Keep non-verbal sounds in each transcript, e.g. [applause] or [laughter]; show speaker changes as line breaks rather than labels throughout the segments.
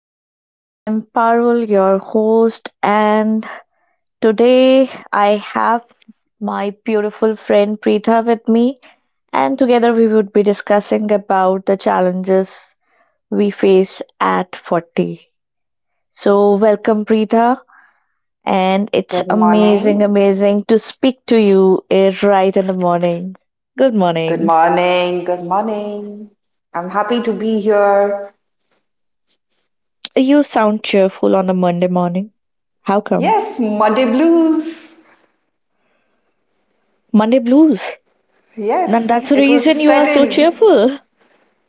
everyone. I'm Parul, your host, and today I have my beautiful friend Preetha with me, and together we would be discussing about the challenges we face at 40. So, welcome, Preetha, and it's
Good
amazing,
morning.
amazing to speak to you right in the morning. Good
Good
morning.
morning. Good morning. I'm happy to be here.
You sound cheerful on a Monday morning. How come?
Yes, Monday blues.
Monday blues. And
Yes,
that's the
it will
reason you are
set
so
in.
cheerful.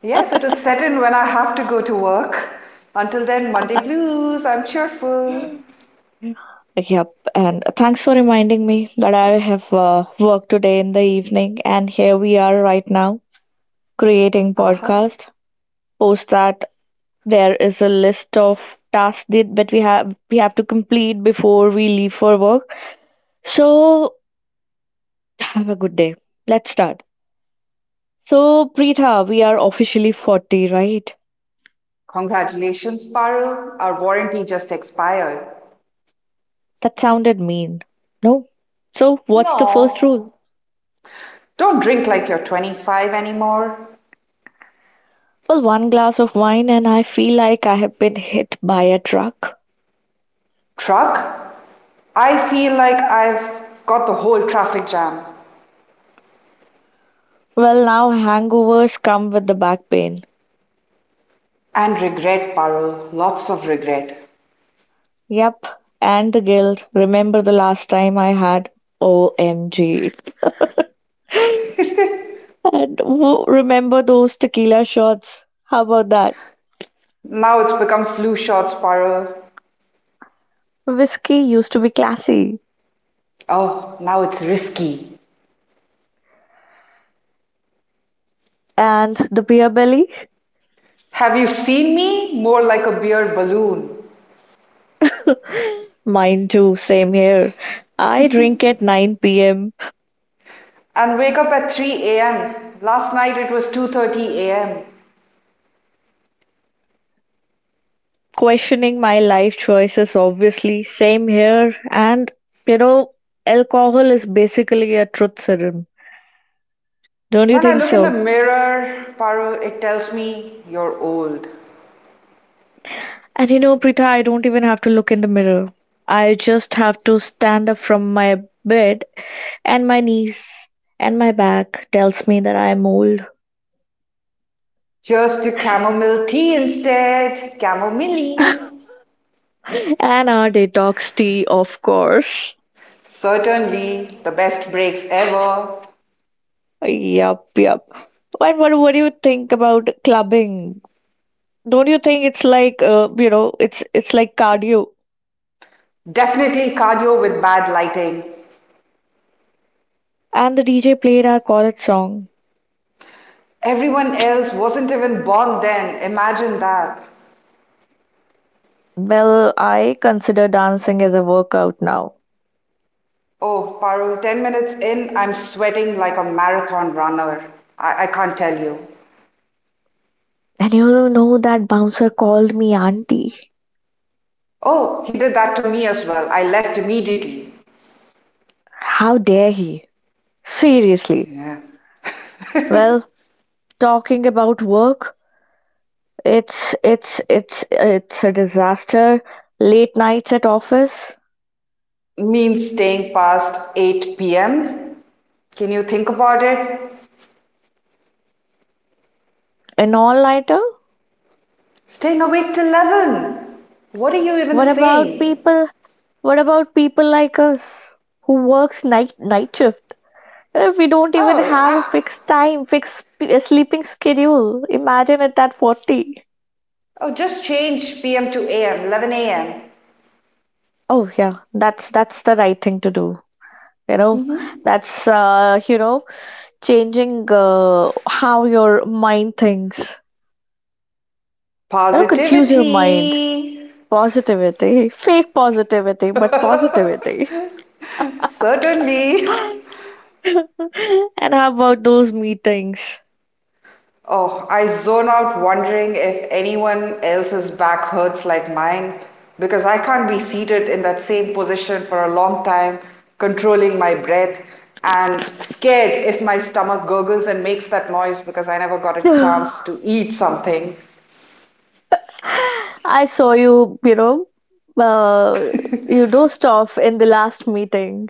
Yes, it will set in when I have to go to work. Until then, Monday blues. I'm cheerful.
Yep, and thanks for reminding me that I have work today in the evening, and here we are right now creating
Uh-huh.
podcast. Post that there is a list of tasks that we have to complete before we leave for work. So have a good day. Let's start. So Preetha, we are officially 40, right?
Congratulations, Parul. Our warranty just expired.
That sounded mean. No. So what's the first
No,
rule?
don't drink like you're 25 anymore.
Well, one glass of wine and I feel like I have been hit by a truck.
Truck? I feel like I've got the whole traffic jam.
Well, now hangovers come with the back pain.
And regret, Parul. Lots of regret.
Yep, and the guilt. Remember the last time I had OMG.
[laughs]
[laughs] And remember those tequila shots? How about that?
Now it's become flu shots, Parul.
Whiskey used to be classy.
Oh, now it's risky.
And the beer belly?
Have you seen me? More like a beer balloon.
[laughs] Mine too, same here. I drink at 9 p.m.
And wake up at 3 a.m. Last night it was 2:30 a.m.
questioning my life choices, obviously. Same here. And you know, alcohol is basically a truth serum, don't you
When I
think
look in the
so?
mirror, Parul, it tells me you're old.
And you know, Prita, I don't even have to look in the mirror. I just have to stand up from my bed, and my knees and my back tells me that I'm old.
Cheers to chamomile tea instead.
[laughs]
Chamomile.
And our detox tea, of course.
Certainly the best breaks ever.
Yup, yup. What do you think about clubbing? Don't you think it's like, it's like cardio?
Definitely cardio with bad lighting.
And the DJ played our college song.
Everyone else wasn't even born then. Imagine that.
Well, I consider dancing as a workout now.
Oh, Parul, 10 minutes in, I'm sweating like a marathon runner. I can't tell you.
And you know that bouncer called me auntie.
Oh, he did that to me as well. I left immediately.
How dare he? Seriously.
Yeah.
Well,
[laughs]
talking about work, it's a disaster. Late nights at office,
Means staying past 8 p.m. Can you think about it?
an all-nighter.
Staying awake till 11. What are you even
What about
saying?
people? What about people like us who works night shift? We don't even
Oh,
have a
I,
fixed time, fixed sleeping schedule. Imagine it at 40.
oh, just change p.m. to a.m., 11 a.m.
Oh yeah, that's the right thing to do. You know,
hmm
that's changing how your mind thinks. You know, confuse your mind.
Positivity!
Positivity, fake positivity, but positivity.
[laughs] Certainly.
[laughs] And how about those meetings?
Oh, I zone out wondering if anyone else's back hurts like mine because I can't be seated in that same position for a long time, controlling my breath and scared if my stomach gurgles and makes that noise because I never got a chance
[sighs]
to eat something.
I saw you, you know, uh, you dozed off in the last meeting.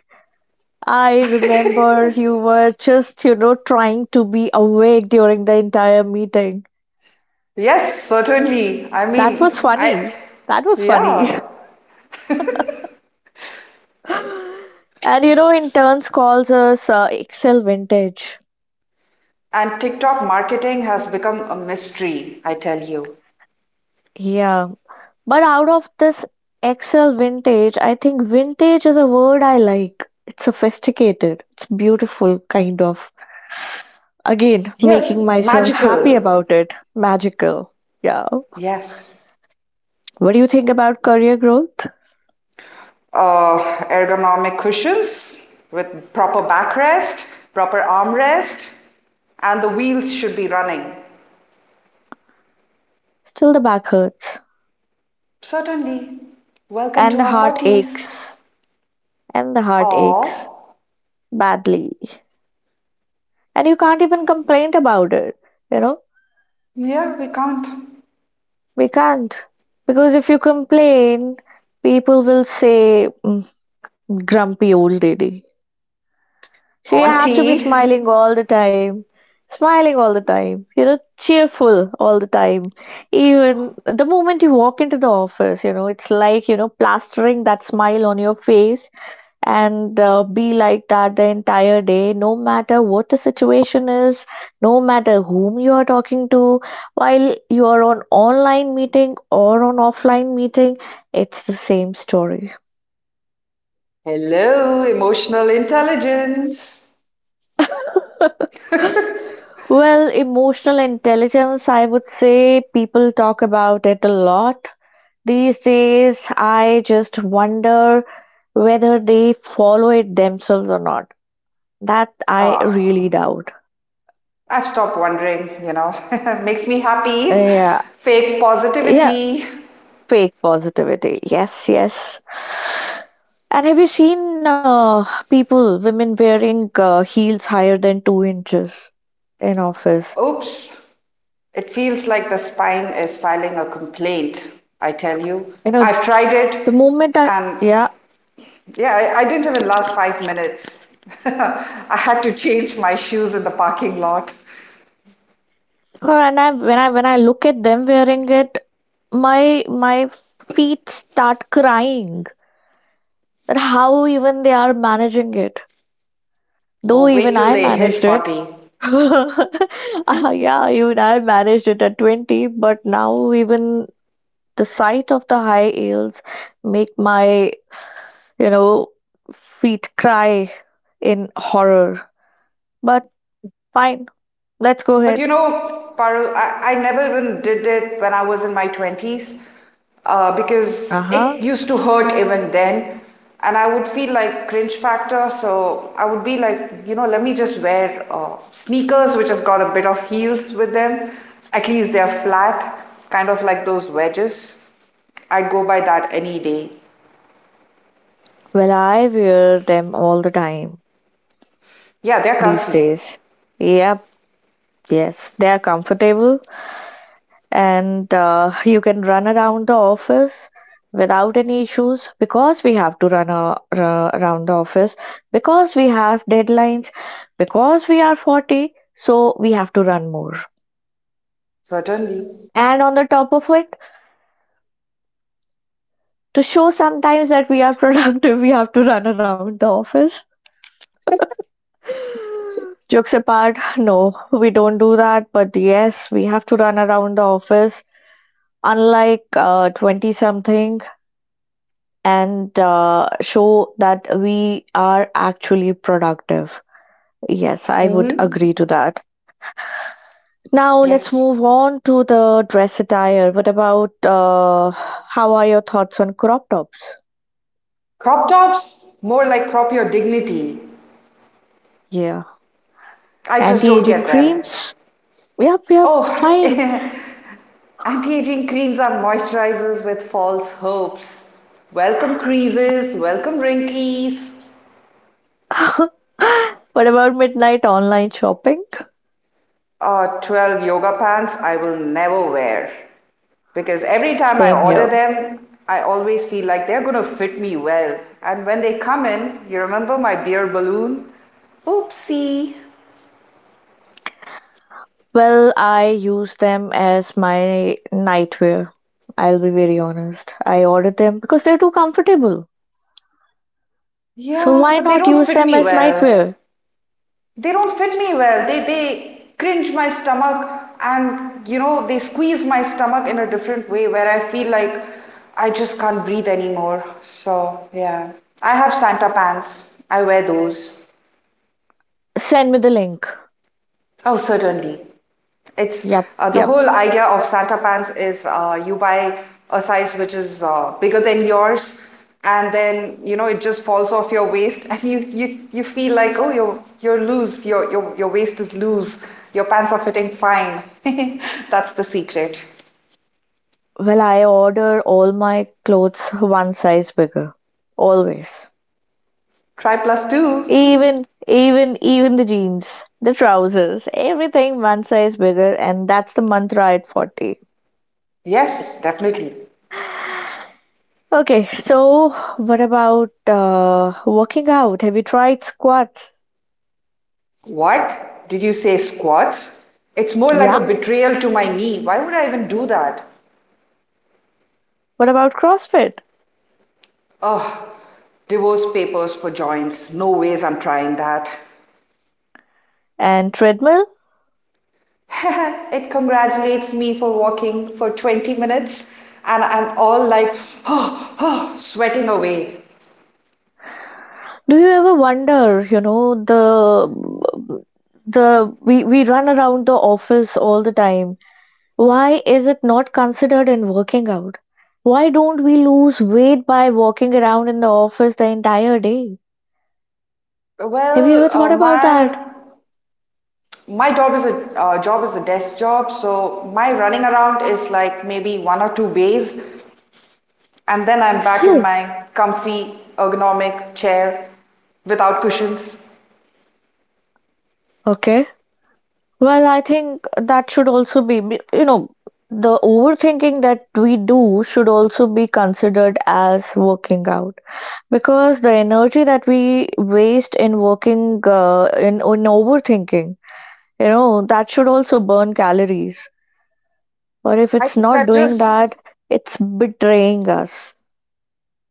I remember you were just, you know, trying to be awake during the entire meeting.
Yes, certainly.
That was funny. That was funny.
Yeah,
[laughs] And, you know, interns calls us Excel vintage.
And TikTok marketing has become a mystery, I tell you.
Yeah. But out of this Excel vintage, I think vintage is a word I like. It's sophisticated. It's beautiful, kind of. Again,
Yes,
making myself happy
magical.
about it. Magical. Yeah.
Yes.
What do you think about career growth?
Uh, Ergonomic cushions with proper backrest, proper armrest, and the wheels should be running.
Still the back hurts.
Certainly. Welcome
And
to
the
our
heart aches.
40s.
And the heart aches
Oh,
badly. And you can't even complain about it. You know?
yeah, we can't.
We can't. Because if you complain, people will say, "Mm, grumpy old lady." So you have to be
Auntie.
smiling all the time, smiling all the time, you know, cheerful all the time. Even the moment you walk into the office, you know, it's like, you know, plastering that smile on your face and be like that the entire day, no matter what the situation is, no matter whom you are talking to, while you are on online meeting or on offline meeting, it's the same story.
Hello, emotional intelligence.
[laughs] Well, emotional intelligence, I would say people talk about it a lot. These days, I just wonder whether they follow it themselves or not. That I really
Ah,
doubt.
I've stopped wondering, you know. [laughs] Makes me happy.
Yeah,
Fake
yeah,
positivity.
fake positivity. Yes, yes. And have you seen people, women wearing heels higher than 2 inches in office?
Oops. It feels like the spine is filing a complaint, I tell you.
You know,
I've tried it,
the moment I,
and
yeah,
yeah, I didn't even last 5 minutes. [laughs] I had to change my shoes in the parking lot.
her and I, when I look at them wearing it, my feet start crying. That how even they are managing it. Though
Oh, wait
even
till
I
they hit
managed it.
40.
[laughs] Yeah, even I managed it at 20, but now even the sight of the high heels make my, you know, feet cry in horror. But fine, let's go
But you
ahead.
know, Parul, I never even did it when I was in my 20s because it
Uh-huh.
used to hurt even then. And I would feel like cringe factor. So I would be like, you know, let me just wear sneakers, which has got a bit of heels with them. At least they're flat, kind of like those wedges. I'd go by that any day.
Well, I wear them all the time
Yeah, they're
these
comfy,
days. Yep, yes, they are comfortable and you can run around the office without any issues because we have to run around the office because we have deadlines, because we are 40, so we have to run more.
certainly.
And on the top of it, to show sometimes that we are productive, [laughs] we have to run around the office. Jokes apart, no, we don't do that, but yes, we have to run around the office unlike 20 something and show that we are actually productive. Yes, I would
Mm-hmm.
agree to that. Now let's
Yes.
move on to the dress attire. What about how are your thoughts on crop tops?
Crop tops, more like crop your dignity.
Yeah,
I just don't
anti-aging
get them.
creams. Yep, yep,
Oh,
fine.
[laughs] anti aging creams are moisturizers with false hopes. Welcome creases, welcome wrinkles.
[laughs] What about midnight online shopping?
12 yoga pants I will never wear because every time I
Same
order
here.
them, I always feel like they're going to fit me well. And when they come in, you remember my beer balloon? Oopsie.
Well, I use them as my nightwear. I'll be very honest. I ordered them because they're too comfortable. So
Yeah,
why
but they
not
don't
use
fit
them
me
as
well.
nightwear?
They cringe my stomach and you know they squeeze my stomach in a different way where I feel like I just can't breathe anymore. So yeah, I have Santa pants. I wear those.
Send me the link.
Oh, certainly. It's
Yep,
The
yep.
whole idea of Santa pants is you buy a size which is bigger than yours, and then you know it just falls off your waist, and you feel like oh you're loose, your waist is loose, your pants are fitting fine. [laughs] That's the secret.
Well, I order all my clothes one size bigger. Always.
Try plus two.
Even the jeans, the trousers, everything one size bigger, and that's the mantra at 40.
Yes, definitely.
Okay, so what about working out? Have you tried squats?
What? Did you say squats? It's more like a
Yeah.
betrayal to my knee. Why would I even do that?
What about CrossFit
Oh, divorce papers for joints. No ways I'm trying that.
and treadmill?
[laughs] It congratulates me for walking for 20 minutes and I'm all like oh, oh, sweating away.
Do you ever wonder, you know, the we run around the office all the time. Why is it not considered in working out? Why don't we lose weight by walking around in the office the entire day? Have you ever
Well,
thought about that?
my job is a desk job, so my running around is like maybe one or two bays, and then I'm back in
Still,
my comfy ergonomic chair without cushions.
okay. Well, I think that should also you know, the overthinking that we do should also be considered as working out because the energy that we waste in working, in overthinking, you know, that should also burn calories. Or if
I
it's
think
not
that
doing that,
just
it's betraying us.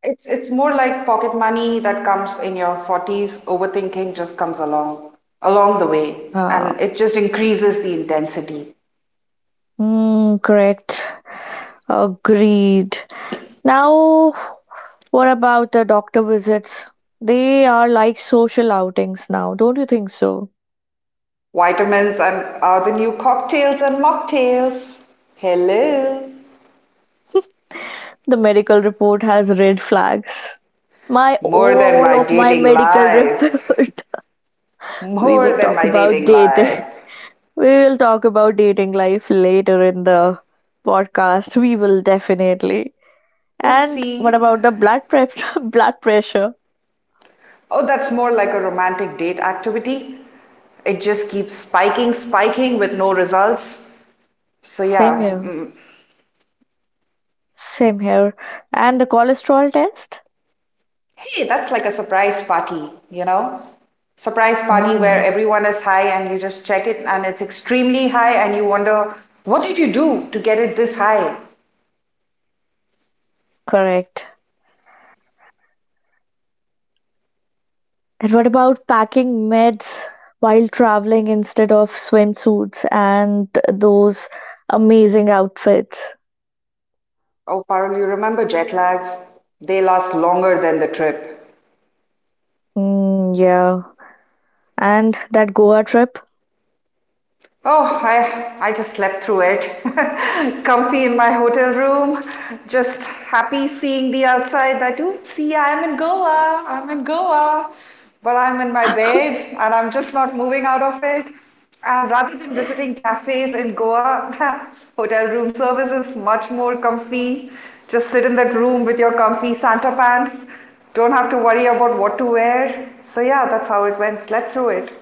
It's more like pocket money that comes in your 40s. Overthinking just comes along along the way,
Uh,
and it just increases the intensity.
mm, correct. Agreed. Now, what about the doctor visits? They are like social outings now, don't you think so?
Vitamins and are the new cocktails and mocktails. Hello.
The medical report has red flags. My
More than my
all of my
dating
medical
life.
report. [laughs] We will
More than
talk
my
about
dating
dating.
life.
[laughs] We will talk about dating life later in the podcast. We will definitely. And what
Oopsie.
about the blood prep [laughs] blood pressure?
Oh, that's more like a romantic date activity. It just keeps spiking, spiking with no results. So,
Same
yeah,
here.
mm,
Same here. And the cholesterol test?
Hey, that's like a surprise party, you know? Surprise party where
Mm,
everyone is high and you just check it and it's extremely high and you wonder, what did you do to get it this high?
correct. And what about packing meds while traveling instead of swimsuits and those amazing outfits?
Oh, Parul, you remember jet lags? They last longer than the trip.
Mm, yeah. And that Goa trip,
Oh, I just slept through it. [laughs] Comfy in my hotel room, just happy seeing the outside that, oops, see, I'm in Goa, but I'm in my
[laughs] I
bed and I'm just not moving out of it. And rather than visiting cafes in Goa, [laughs] hotel room service is much more comfy. Just sit in that room with your comfy Santa pants. Don't have to worry about what to wear. So yeah, that's how it went. Slept through it.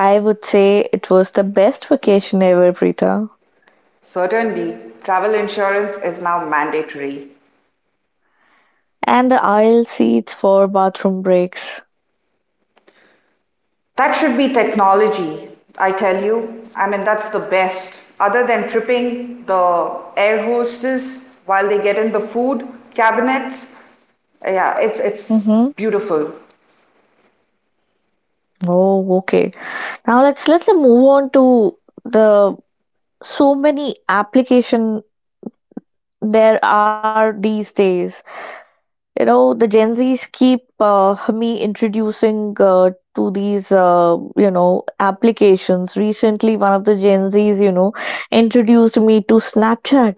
would say it was the best vacation ever, Preeta.
Certainly, travel insurance is now mandatory.
And the aisle seats for bathroom breaks.
That should be technology, I tell you. I mean, that's the best. Other than tripping the air hostess while they get in the food cabinets, yeah, it's
Mm-hmm.
beautiful.
Oh, okay. Now let's move on to the so many application there are these days. You know, the Gen Zs keep me introducing to these, you know, applications. Recently, one of the Gen Zs, you know, introduced me to Snapchat,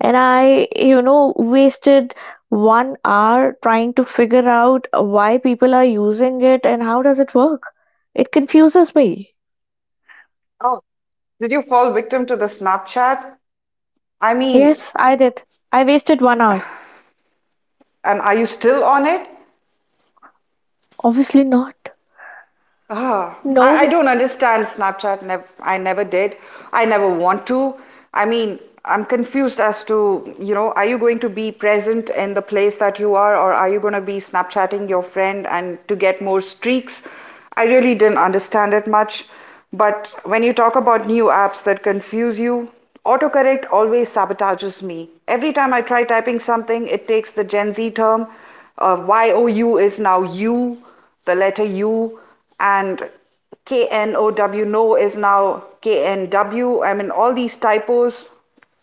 and I, you know, wasted one hour trying to figure out why people are using it and how does it work. It confuses me.
Oh, did you fall victim to the Snapchat? I mean,
Yes, I did. I wasted one hour.
and are you still on it?
Obviously not.
Ah, I
No.
don't understand Snapchat. Nev I never did. I never want to. I mean, I'm confused as to, you know, are you going to be present in the place that you are, or are you going to be Snapchatting your friend and to get more streaks? I really didn't understand it much. But when you talk about new apps that confuse you, autocorrect always sabotages me. Every time I try typing something, it takes the Gen Z term. YOU is now you the letter U and KNOW no is now KNW. I mean, all these typos,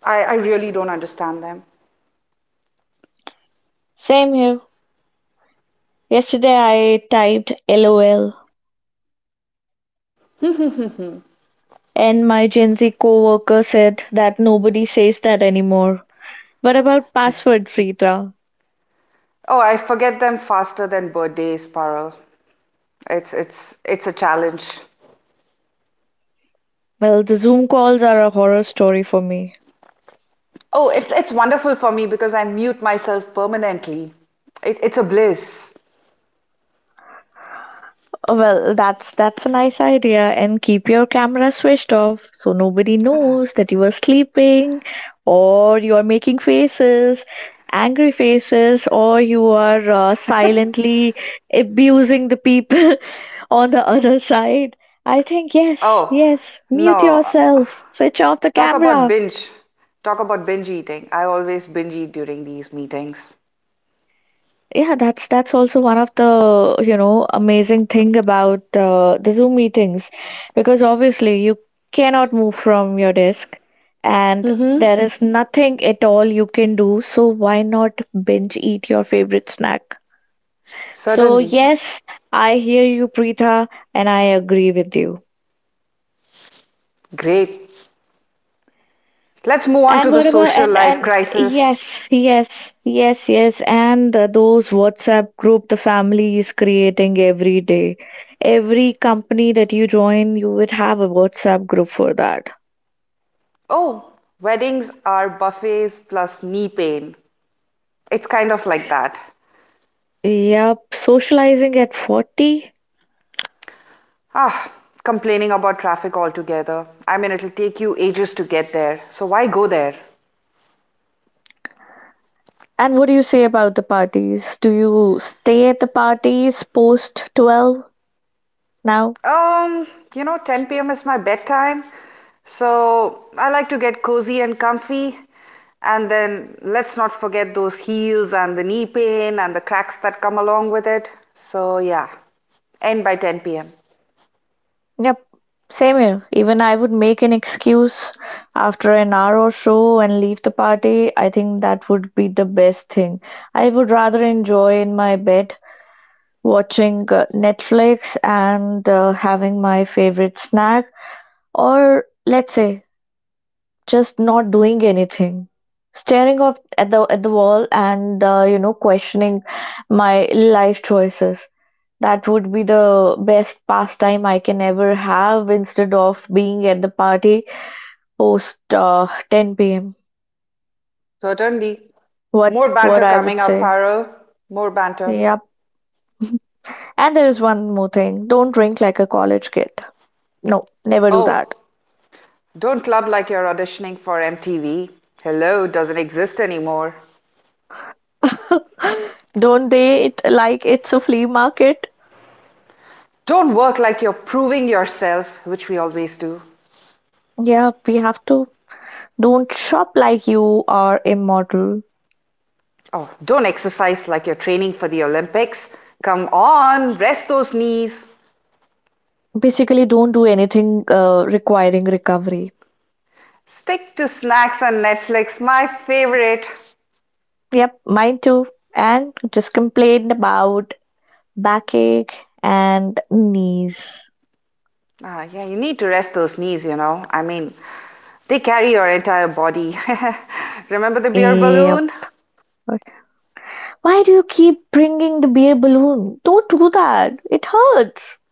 I really don't understand them.
Same here. Yesterday I typed LOL and my Gen Z coworker said that nobody says that anymore. What about password, Frida?
Oh, I forget them faster than birthdays, Parul. It's a challenge.
Well, the Zoom calls are a horror story for me.
Oh, it's wonderful for me because I mute myself permanently. It's a bliss.
Oh, well, that's a nice idea. And keep your camera switched off so nobody knows that you are sleeping or you are making faces, angry faces, or you are silently abusing the people [laughs] on the other side. I think yes,
Oh,
yes, mute
no.
yourselves, switch off the
Talk about
camera.
binge. Talk about binge eating. I always binge eat during these meetings.
Yeah, that's also one of the, you know, amazing thing about the Zoom meetings because obviously you cannot move from your desk and
Mm-hmm.
there is nothing at all you can do, so why not binge eat your favorite snack? So
Certainly.
yes, I hear you, Preetha, and I agree with you.
Great. Let's move on
And
to the
what about
social
and
life
and
crisis.
yes, yes, yes, yes, and those WhatsApp group the family is creating every day. Every company that you join, you would have a WhatsApp group for that.
Oh, weddings are buffets plus knee pain. It's kind of like that.
Yep, socializing at 40.
Ah, complaining about traffic altogether. I mean, it'll take you ages to get there, so why go there?
And what do you say about the parties? Do you stay at the parties post 12 now?
Um, you know, 10 p.m. is my bedtime, so I like to get cozy and comfy. And then let's not forget those heels and the knee pain and the cracks that come along with it. So, yeah, end by 10 p.m.
Yep, same here. Even I would make an excuse after an hour or so and leave the party. I think that would be the best thing. I would rather enjoy in my bed watching Netflix and having my favorite snack, or let's say just not doing anything. Staring up at the wall and you know, questioning my life choices. That would be the best pastime I can ever have instead of being at the party post 10 p.m.
So certainly. More
What
banter
I would
coming up,
say.
Paro. More banter.
Yep. [laughs] And there is one more thing. Don't drink like a college kid. No, never do that.
Oh, don't club like you're auditioning for MTV. Hello doesn't exist anymore.
[laughs] Don't date like it's a flea market.
Don't work like you're proving yourself, which we always do.
Yeah, we have to. Don't shop like you are immortal.
Oh, don't exercise like you're training for the Olympics. Come on, rest those knees.
Basically, don't do anything requiring recovery.
Stick to snacks and Netflix, my favorite.
Yep, mine too. And just complain about backache and knees.
Ah, yeah, you need to rest those knees, you know. I mean, they carry your entire body. [laughs] Remember the beer
Yep.
balloon?
Why do you keep bringing the beer balloon? Don't do that. It hurts. [laughs]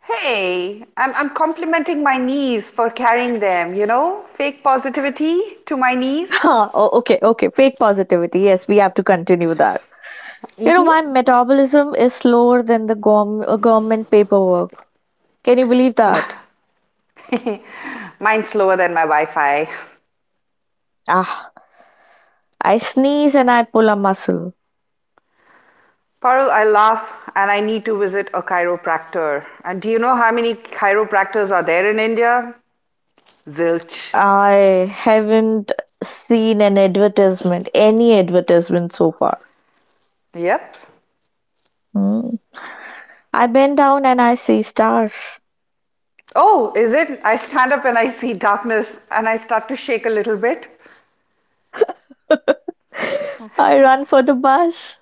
Hey, I'm complimenting my niece for carrying them, you know? Fake positivity to my niece.
Huh, Oh, okay, okay. Fake positivity. Yes, we have to continue that. You know,
Hmm
my metabolism is slower than the government paperwork. Can you believe that?
[laughs] Mine's slower than my Wi-Fi.
Ah, I sneeze and I pull a muscle.
Parul, I laugh and I need to visit a chiropractor. And do you know how many chiropractors are there in India? Zilch.
I haven't seen an advertisement, any advertisement so far.
Yep.
Hmm. I bend down and I see stars.
Oh, is it? I stand up and I see darkness and I start to shake a little bit
I run for the bus.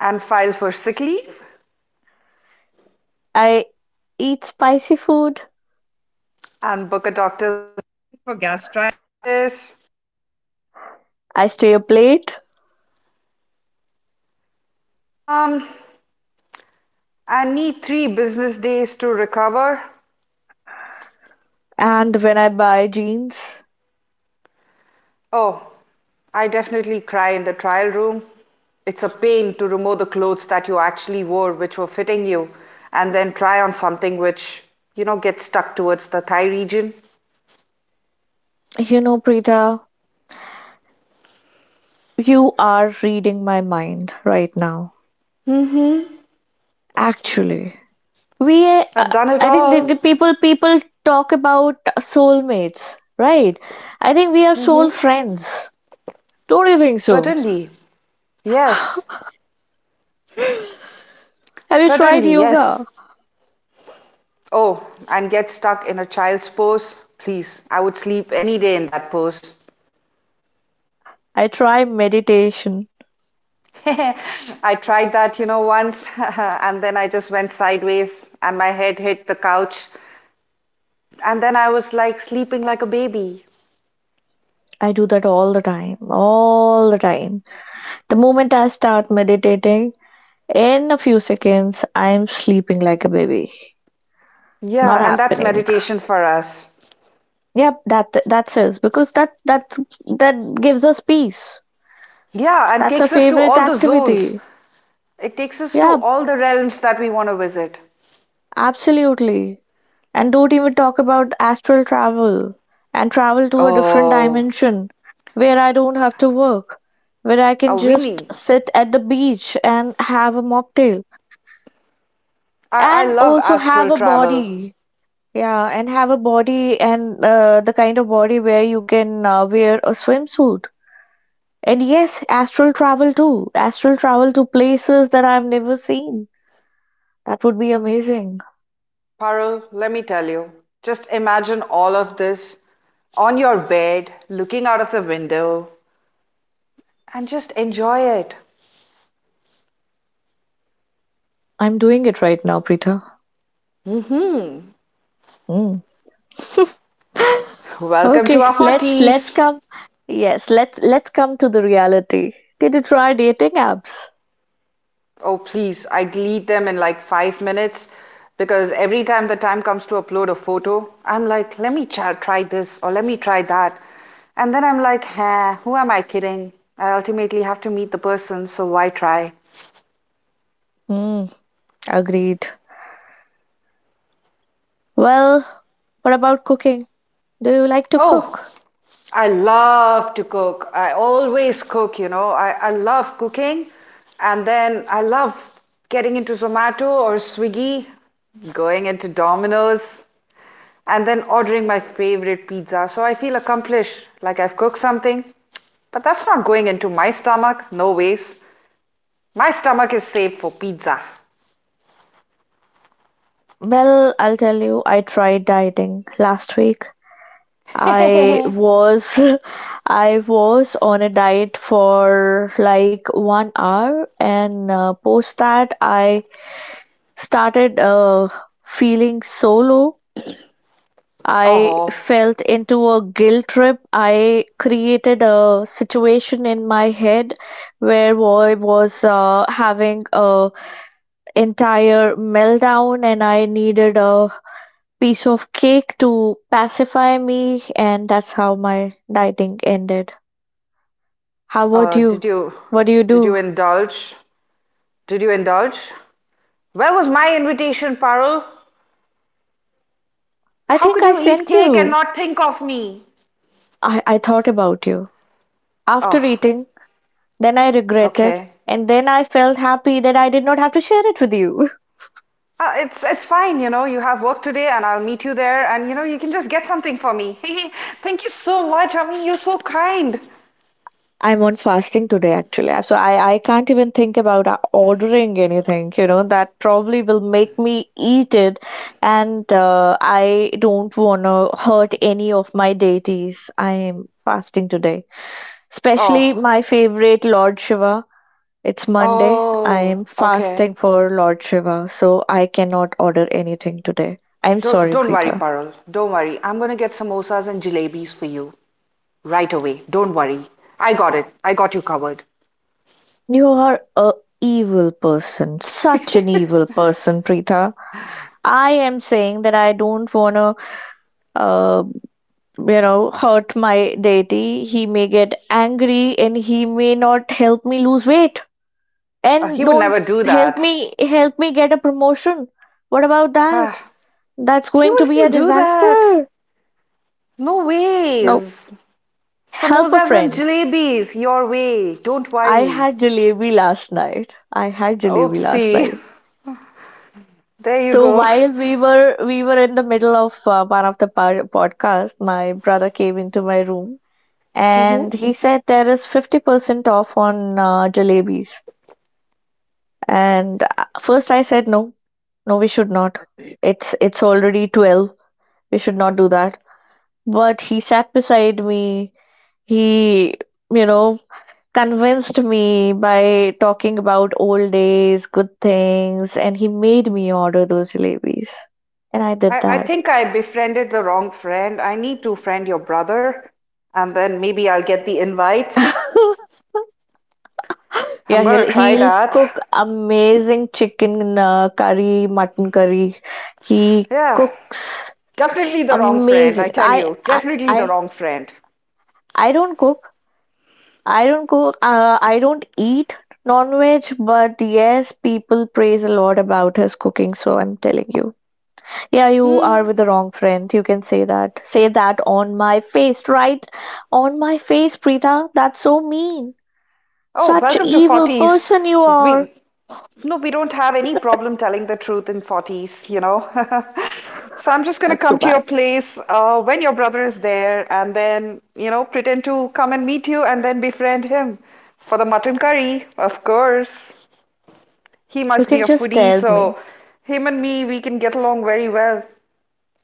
and file for sick leave
I eat spicy food.
and book a doctor.
I stay up late.
Business days to recover.
And when I buy jeans,
Oh, I definitely cry in the trial room. It's a pain to remove the clothes that you actually wore, which were fitting you, and then try on something which, you know, gets stuck towards the thigh region.
you know, Preeta, you are reading my mind right now.
Mm-hmm.
Actually, we, uh,
I've done it
I think the, the
all.
people, people talk about soulmates, right? I think we are soul
Mm-hmm.
friends. Don't you think so? [sighs]
Certainly. Yes.
[laughs] Have you tried
Certainly,
yoga?
yes. Oh, get stuck in a child's pose. Please, I would sleep any day in that pose.
I try meditation.
[laughs] I tried that, you know, once, [laughs] and then I just went sideways and my head hit the couch. And then I was like sleeping like a baby.
I do that all the time, all the time. The moment I start meditating, in a few seconds, I am sleeping like a baby. Not
Yeah, and that's
happening.
meditation for us.
Yep, that's it. Because that gives us peace.
Yeah, and
That's our
takes us to
favorite
all the zones.
activity.
It takes us to
Yep,
all the realms that we want to visit.
absolutely. And don't even talk about astral travel and travel to a different
Oh,
dimension where I don't have to work, where I can
oh we
just
need.
sit at the beach and have a mocktail
I
and
love
also have
astral
a
travel.
body. Yeah, and have a body and the kind of body where you can wear a swimsuit. And yes, astral travel too. Astral travel to places that I've never seen. That would be amazing.
Parul, let me tell you. Just imagine all of this on your bed, looking out of the window, and just enjoy it.
I'm doing it right now, Preeta.
Mm-hmm.
Mm. [laughs]
Welcome to
Okay,
our
let's
40s.
come. Yes, let's come to the reality. Did you try dating apps?
Oh, please, I delete them in like 5 minutes because every time the time comes to upload a photo, I'm like, let me try, try this or let me try that. And then I'm like, huh, who am I kidding? I ultimately have to meet the person, so why try?
Mm, agreed. Well, what about cooking? Do you like to
Oh,
cook?
I love to cook. I always cook, I love cooking and then I love getting into Zomato or Swiggy, going into Domino's. And then ordering my favorite pizza. So I feel accomplished, like I've cooked something. But that's not going into my stomach, no ways. My stomach is safe for pizza.
Well, I'll tell you, I tried dieting last week. I
[laughs]
was [laughs] I was on a diet for like 1 hour and post that I started feeling so low. I
Oh,
felt into a guilt trip. I created a situation in my head where I was having a entire meltdown and I needed a piece of cake to pacify me, and that's how my dieting ended. How about
uh, did
you?
you
What do you
did you
do?
indulge? Did you indulge? Where was my invitation, Parul?
I
How
think
could
I
you eat
sent
cake and
you.
not think of me?
I thought about you. After
Oh,
eating, then I regretted,
okay.
and then I felt happy that I did not have to share it with you.
It's fine, you know. You have work today, and I'll meet you there, and you know you can just get something for me. [laughs] Thank you so much. I mean, you're so kind.
I'm on fasting today actually. So I can't even think about ordering anything, you know, that probably will make me eat it. And I don't want to hurt any of my deities. I am fasting today. Especially
Oh,
my favorite Lord Shiva. It's Monday. I
oh,
am
okay.
fasting for Lord Shiva. So I cannot order anything today. I'm
Don't,
sorry,
don't worry,
Preetha.
Parul. Don't worry. I'm gonna get samosas and jalebis for you right away. Don't worry. I got it. I got you covered.
You are a evil person. Such an evil
[laughs]
person, Preetha. I am saying that I don't want to, uh, you know, hurt my deity. He may get angry and he may not help me lose weight and
He would
don't
never do
help
that.
me help me get a promotion. What about that?
Ah,
That's
he
going to
would
be a
never do that.
disaster.
No
No,
ways.
help a
Samosas and
friend.
jalebis, your way. Don't
I
worry.
had jalebi last night. I had jalebi last
Oopsie.
night.
[laughs] There you
So
go.
while we were in the middle of one of the podcast, my brother came into my room
Yeah.
and he said there is 50% off on jalebis and first I said no, no we should not. It's already 12. We should not do that, but he sat beside me. He, you know, convinced me by talking about old days good things and he made me order those jalebis and I did
I
that.
think I befriended the wrong friend. I need to friend your brother, and then maybe I'll get the invites.
[laughs]
I'm
Yeah, he'll
gonna try
he'll
that.
cook amazing chicken curry, mutton curry. He
Yeah,
cooks
definitely the wrong friend,
amazing.
I tell you. Definitely the
I
wrong friend.
I don't cook. I don't cook. I don't eat non-veg, but yes, people praise a lot about his cooking. So I'm telling you, yeah, you are with the wrong friend. You can say that. Say that on my face, right? On my face, Preeta. That's so mean.
Oh,
Such
welcome to
evil
40s.
person you are.
We No, we don't have any problem telling the truth in 40s, [laughs] So I'm just going to
That's so
come to your
bad.
place when your brother is there and then, you know, pretend to come and meet you and then befriend him for the mutton curry, of course. He
You
must be
can
a
just
foodie,
tell me.
so him and me, we can get along very well.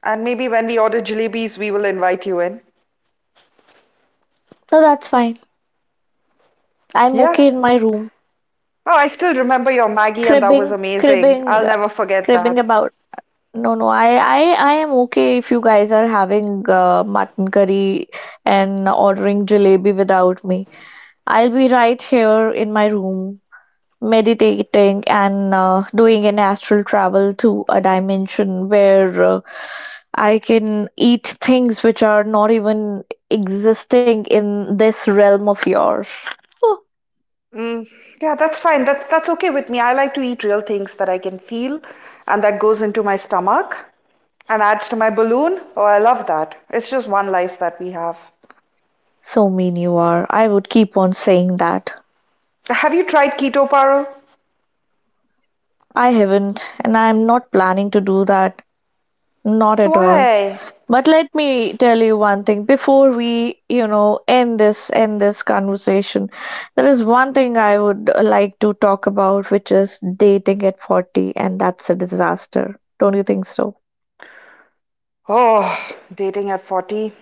And maybe when we order jalebis, we will invite you in.
So that's fine. I'm
Yeah.
okay in my room.
Oh, I still remember your Maggie, and that was
Cribbing,
amazing.
cribbing,
I'll never forget
cribbing
that.
about. No, I am okay if you guys are having mutton curry and ordering jalebi without me. I'll be right here in my room, meditating and doing an astral travel to a dimension where I can eat things which are not even existing in this realm of yours. [laughs]
Mm, yeah, that's fine. That's okay with me. I like to eat real things that I can feel and that goes into my stomach and adds to my balloon. Oh, I love that. It's just one life that we have.
So mean you are. I would keep on saying that.
Have you tried keto, Paru?
I haven't, and I'm not planning to do that. Not at all.
Why?
But let me tell you one thing before we, you know, end this conversation. There is one thing I would like to talk about, which is dating at 40, and that's a disaster. Don't you think so?
Oh, dating at 40.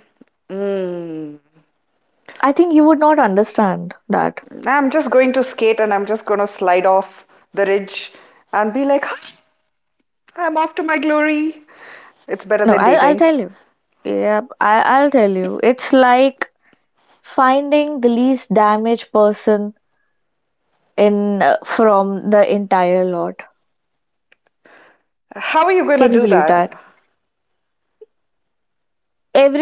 Mm.
I think you would not understand that.
I'm just going to skate and I'm just going to slide off the ridge and be like, "Ah, I'm off to my glory. It's better
No,
than
I'll
dating."
tell you. Yeah, I'll tell you. It's like finding the least damaged person in from the entire lot.
How are you going to
Can you
do
believe
that?
that?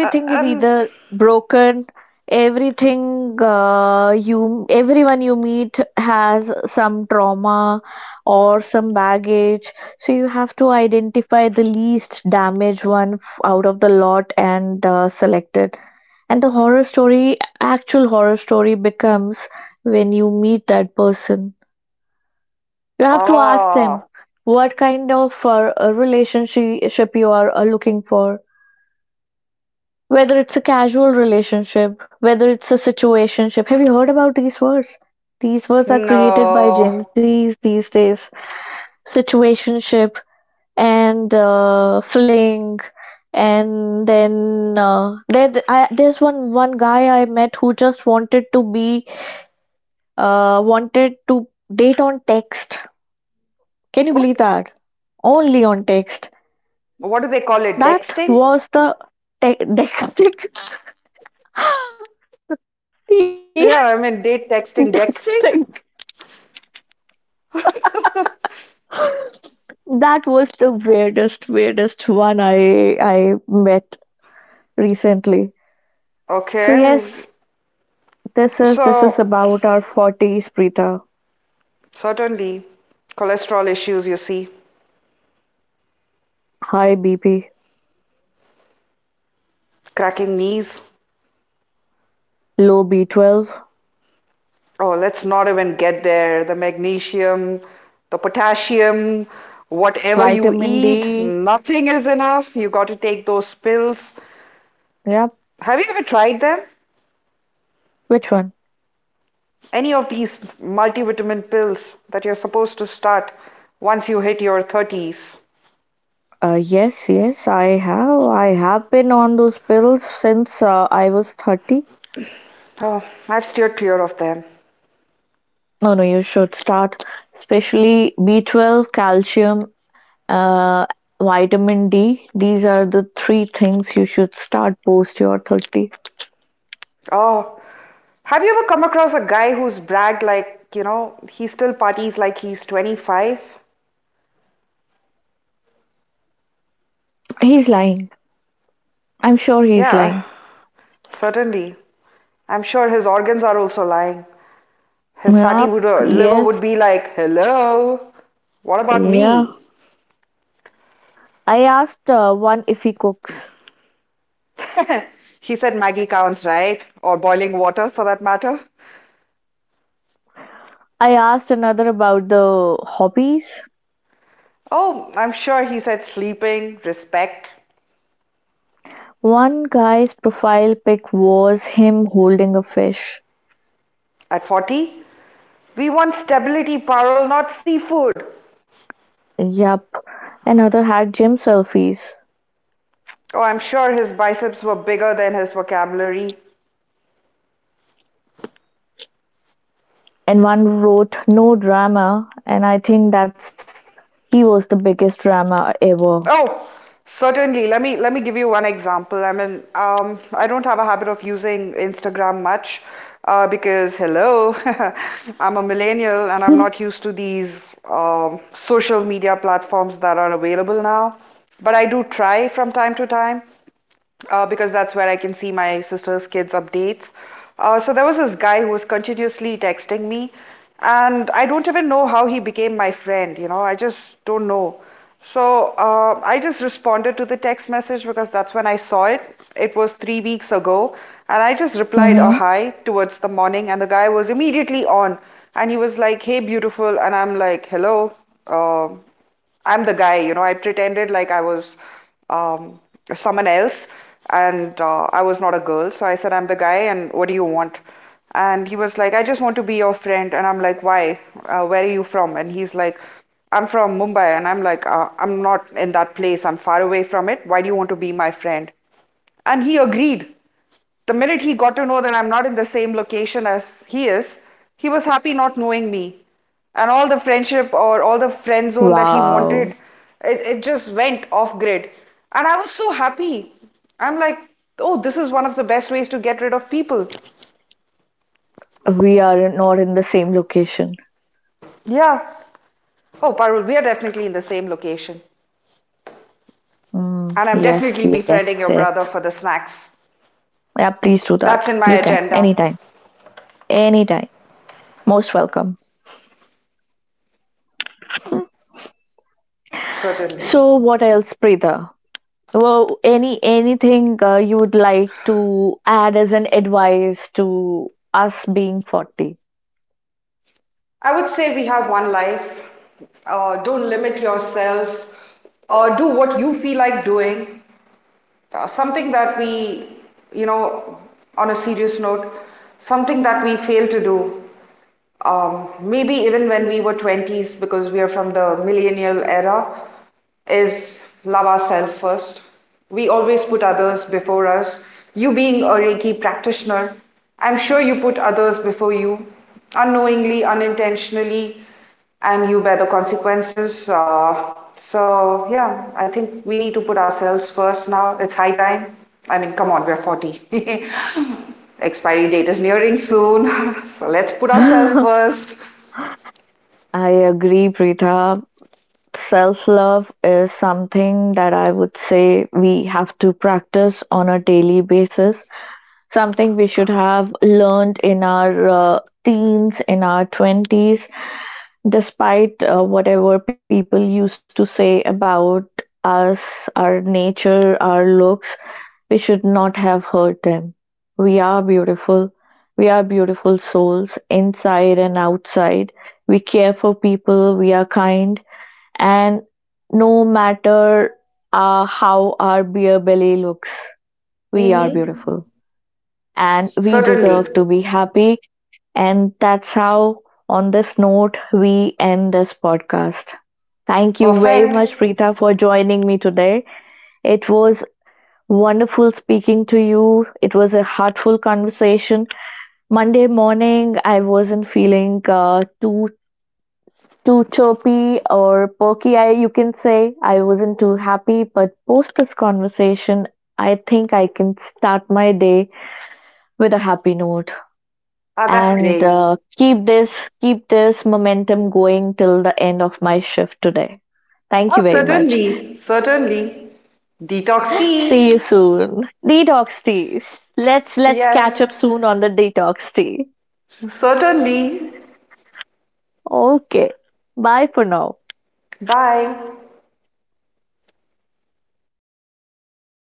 Uh,
is
um,
either broken, everything you everyone you meet has some trauma or some baggage. So you have to identify the least damaged one out of the lot and select it. And the horror story, actual horror story becomes when you meet that person. You have to ask them
Oh,
what kind of a relationship you are looking for. Whether it's a casual relationship, whether it's a situationship. Have you heard about these words? These words are created by
no.
Gen Zs these days. Situationship and fling, and then there's one guy I met who just wanted to be wanted to date on text. Can you believe
Oh,
that? Only on text.
what do they call it?
That
Dexting?
was the texting. [laughs] Yes,
Yeah, I mean, date
texting.
texting, dexting?
That was the weirdest, weirdest one I met recently. So
Okay.
yes, this is
So,
about our forties, Preeta.
certainly, cholesterol issues, you see,
High BP,
cracking knees.
low B 12,
Oh, let's not even get there. The magnesium, the potassium, whatever you
vitamin D.
eat, nothing is enough. You got to take those pills.
Yep.
Have you ever tried them?
Which one?
Any of these multivitamin pills that you're supposed to start once you hit your 30s.
Yes, yes, I have. I have been on those pills since I was 30.
Oh, I've steered clear of them.
Oh no, you should start, especially B12, calcium, uh, vitamin D. These are the three things you should start post your 30.
Oh, have you ever come across a guy who's bragged like, you know, he still parties like he's 25?
He's lying. I'm sure he's
Yeah,
lying.
certainly. I'm sure his organs are also lying. His fatty
Yup,
would, liver
yes,
would be like, hello, what about
yeah.
me?
I asked one if he cooks.
[laughs] She said Maggie counts, right? Or boiling water for that matter.
I asked another about the hobbies.
Oh, I'm sure he said sleeping, respect.
One guy's profile pic was him holding a fish.
At 40, we want stability, Parul, not seafood.
Yup. Another had gym selfies,
Oh, I'm sure his biceps were bigger than his vocabulary.
and one wrote "No drama," and I think that's he was the biggest drama ever.
Oh, certainly. Let me give you one example. I mean, I don't have a habit of using Instagram much because hello, [laughs] I'm a millennial and I'm
[laughs]
not used to these social media platforms that are available now. But I do try from time to time. Uh, because that's where I can see my sister's kids' updates. So there was this guy who was continuously texting me, and I don't even know how he became my friend, you know, I just don't know. So I just responded to the text message because that's when I saw it. It was 3 weeks ago, and I just replied a
Mm-hmm.
hi towards the morning, and the guy was immediately on, and he was like, "Hey, beautiful," and I'm like, "Hello." Uh, I'm the guy, you know. I pretended like I was um, someone else and I was not a girl. So I said, I'm the guy, and what do you want? And he was like, I just want to be your friend. And I'm like, why? Where are you from? And he's like, I'm from Mumbai. And I'm like, I'm not in that place. I'm far away from it. Why do you want to be my friend? And he agreed. The minute he got to know that I'm not in the same location as he is, he was happy not knowing me. And all the friendship or all the friend zone that he wanted,
Wow,
it just went off grid. And I was so happy. I'm like, oh, this is one of the best ways to get rid of people.
we are not in the same location.
Yeah. Oh, Parul, we are definitely in the same location. And
Mm,
I'm
yes,
definitely befriending
yes,
your
yes.
brother for the snacks.
Yeah, please do
That's in
that.
my
You can
agenda.
anytime, anytime. Most welcome.
Certainly.
So, what else, Preeta? Well, any anything you would like to add as an advice to us being 40?
I would say we have one life. Don't limit yourself. Do what you feel like doing, something that we, you know, on a serious note, something that we fail to do, maybe even when we were 20s, because we are from the millennial era, is love ourselves first. We always put others before us. You being a Reiki practitioner, I'm sure you put others before you, unknowingly, unintentionally, and you bear the consequences. Yeah, I think we need to put ourselves first now. It's high time. I mean, come on, we're 40. [laughs] Expiry date is nearing soon. [laughs] So, let's put ourselves
[laughs]
first.
I agree, Preetha. Self love is something that I would say we have to practice on a daily basis. Something we should have learned in our teens, in our 20s, despite whatever people used to say about us, our nature, our looks, we should not have hurt them. We are beautiful. We are beautiful souls inside and outside. We care for people. We are kind and no matter how our beer belly looks, we are
Mm-hmm.
beautiful and we
Certainly.
deserve to be happy. And that's how, on this note, we end this podcast. Thank you very
Perfect.
much, Preeta, for joining me today. It was wonderful speaking to you. It was a heartful conversation. Monday morning, I wasn't feeling too too chirpy or perky, I you can say. I wasn't too happy, but post this conversation, I think I can start my day with a happy note
Ah, that's
and
great.
keep this momentum going till the end of my shift today. Thank
Oh,
you very much.
certainly. Certainly. Detox
See you
tea.
soon. Detox teas. Let's
Yes.
catch up soon on the detox tea.
Certainly.
Okay. Bye for now.
Bye.